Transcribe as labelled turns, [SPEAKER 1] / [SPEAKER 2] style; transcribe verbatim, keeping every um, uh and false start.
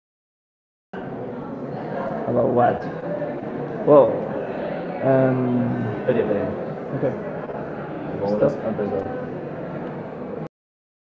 [SPEAKER 1] So,
[SPEAKER 2] So,
[SPEAKER 1] about what? Well, um,
[SPEAKER 2] Pere,
[SPEAKER 1] Espérate,
[SPEAKER 2] pere.
[SPEAKER 1] okay.
[SPEAKER 2] Vom ales un pesar.
[SPEAKER 1] Vamos.
[SPEAKER 2] Et
[SPEAKER 1] Eh,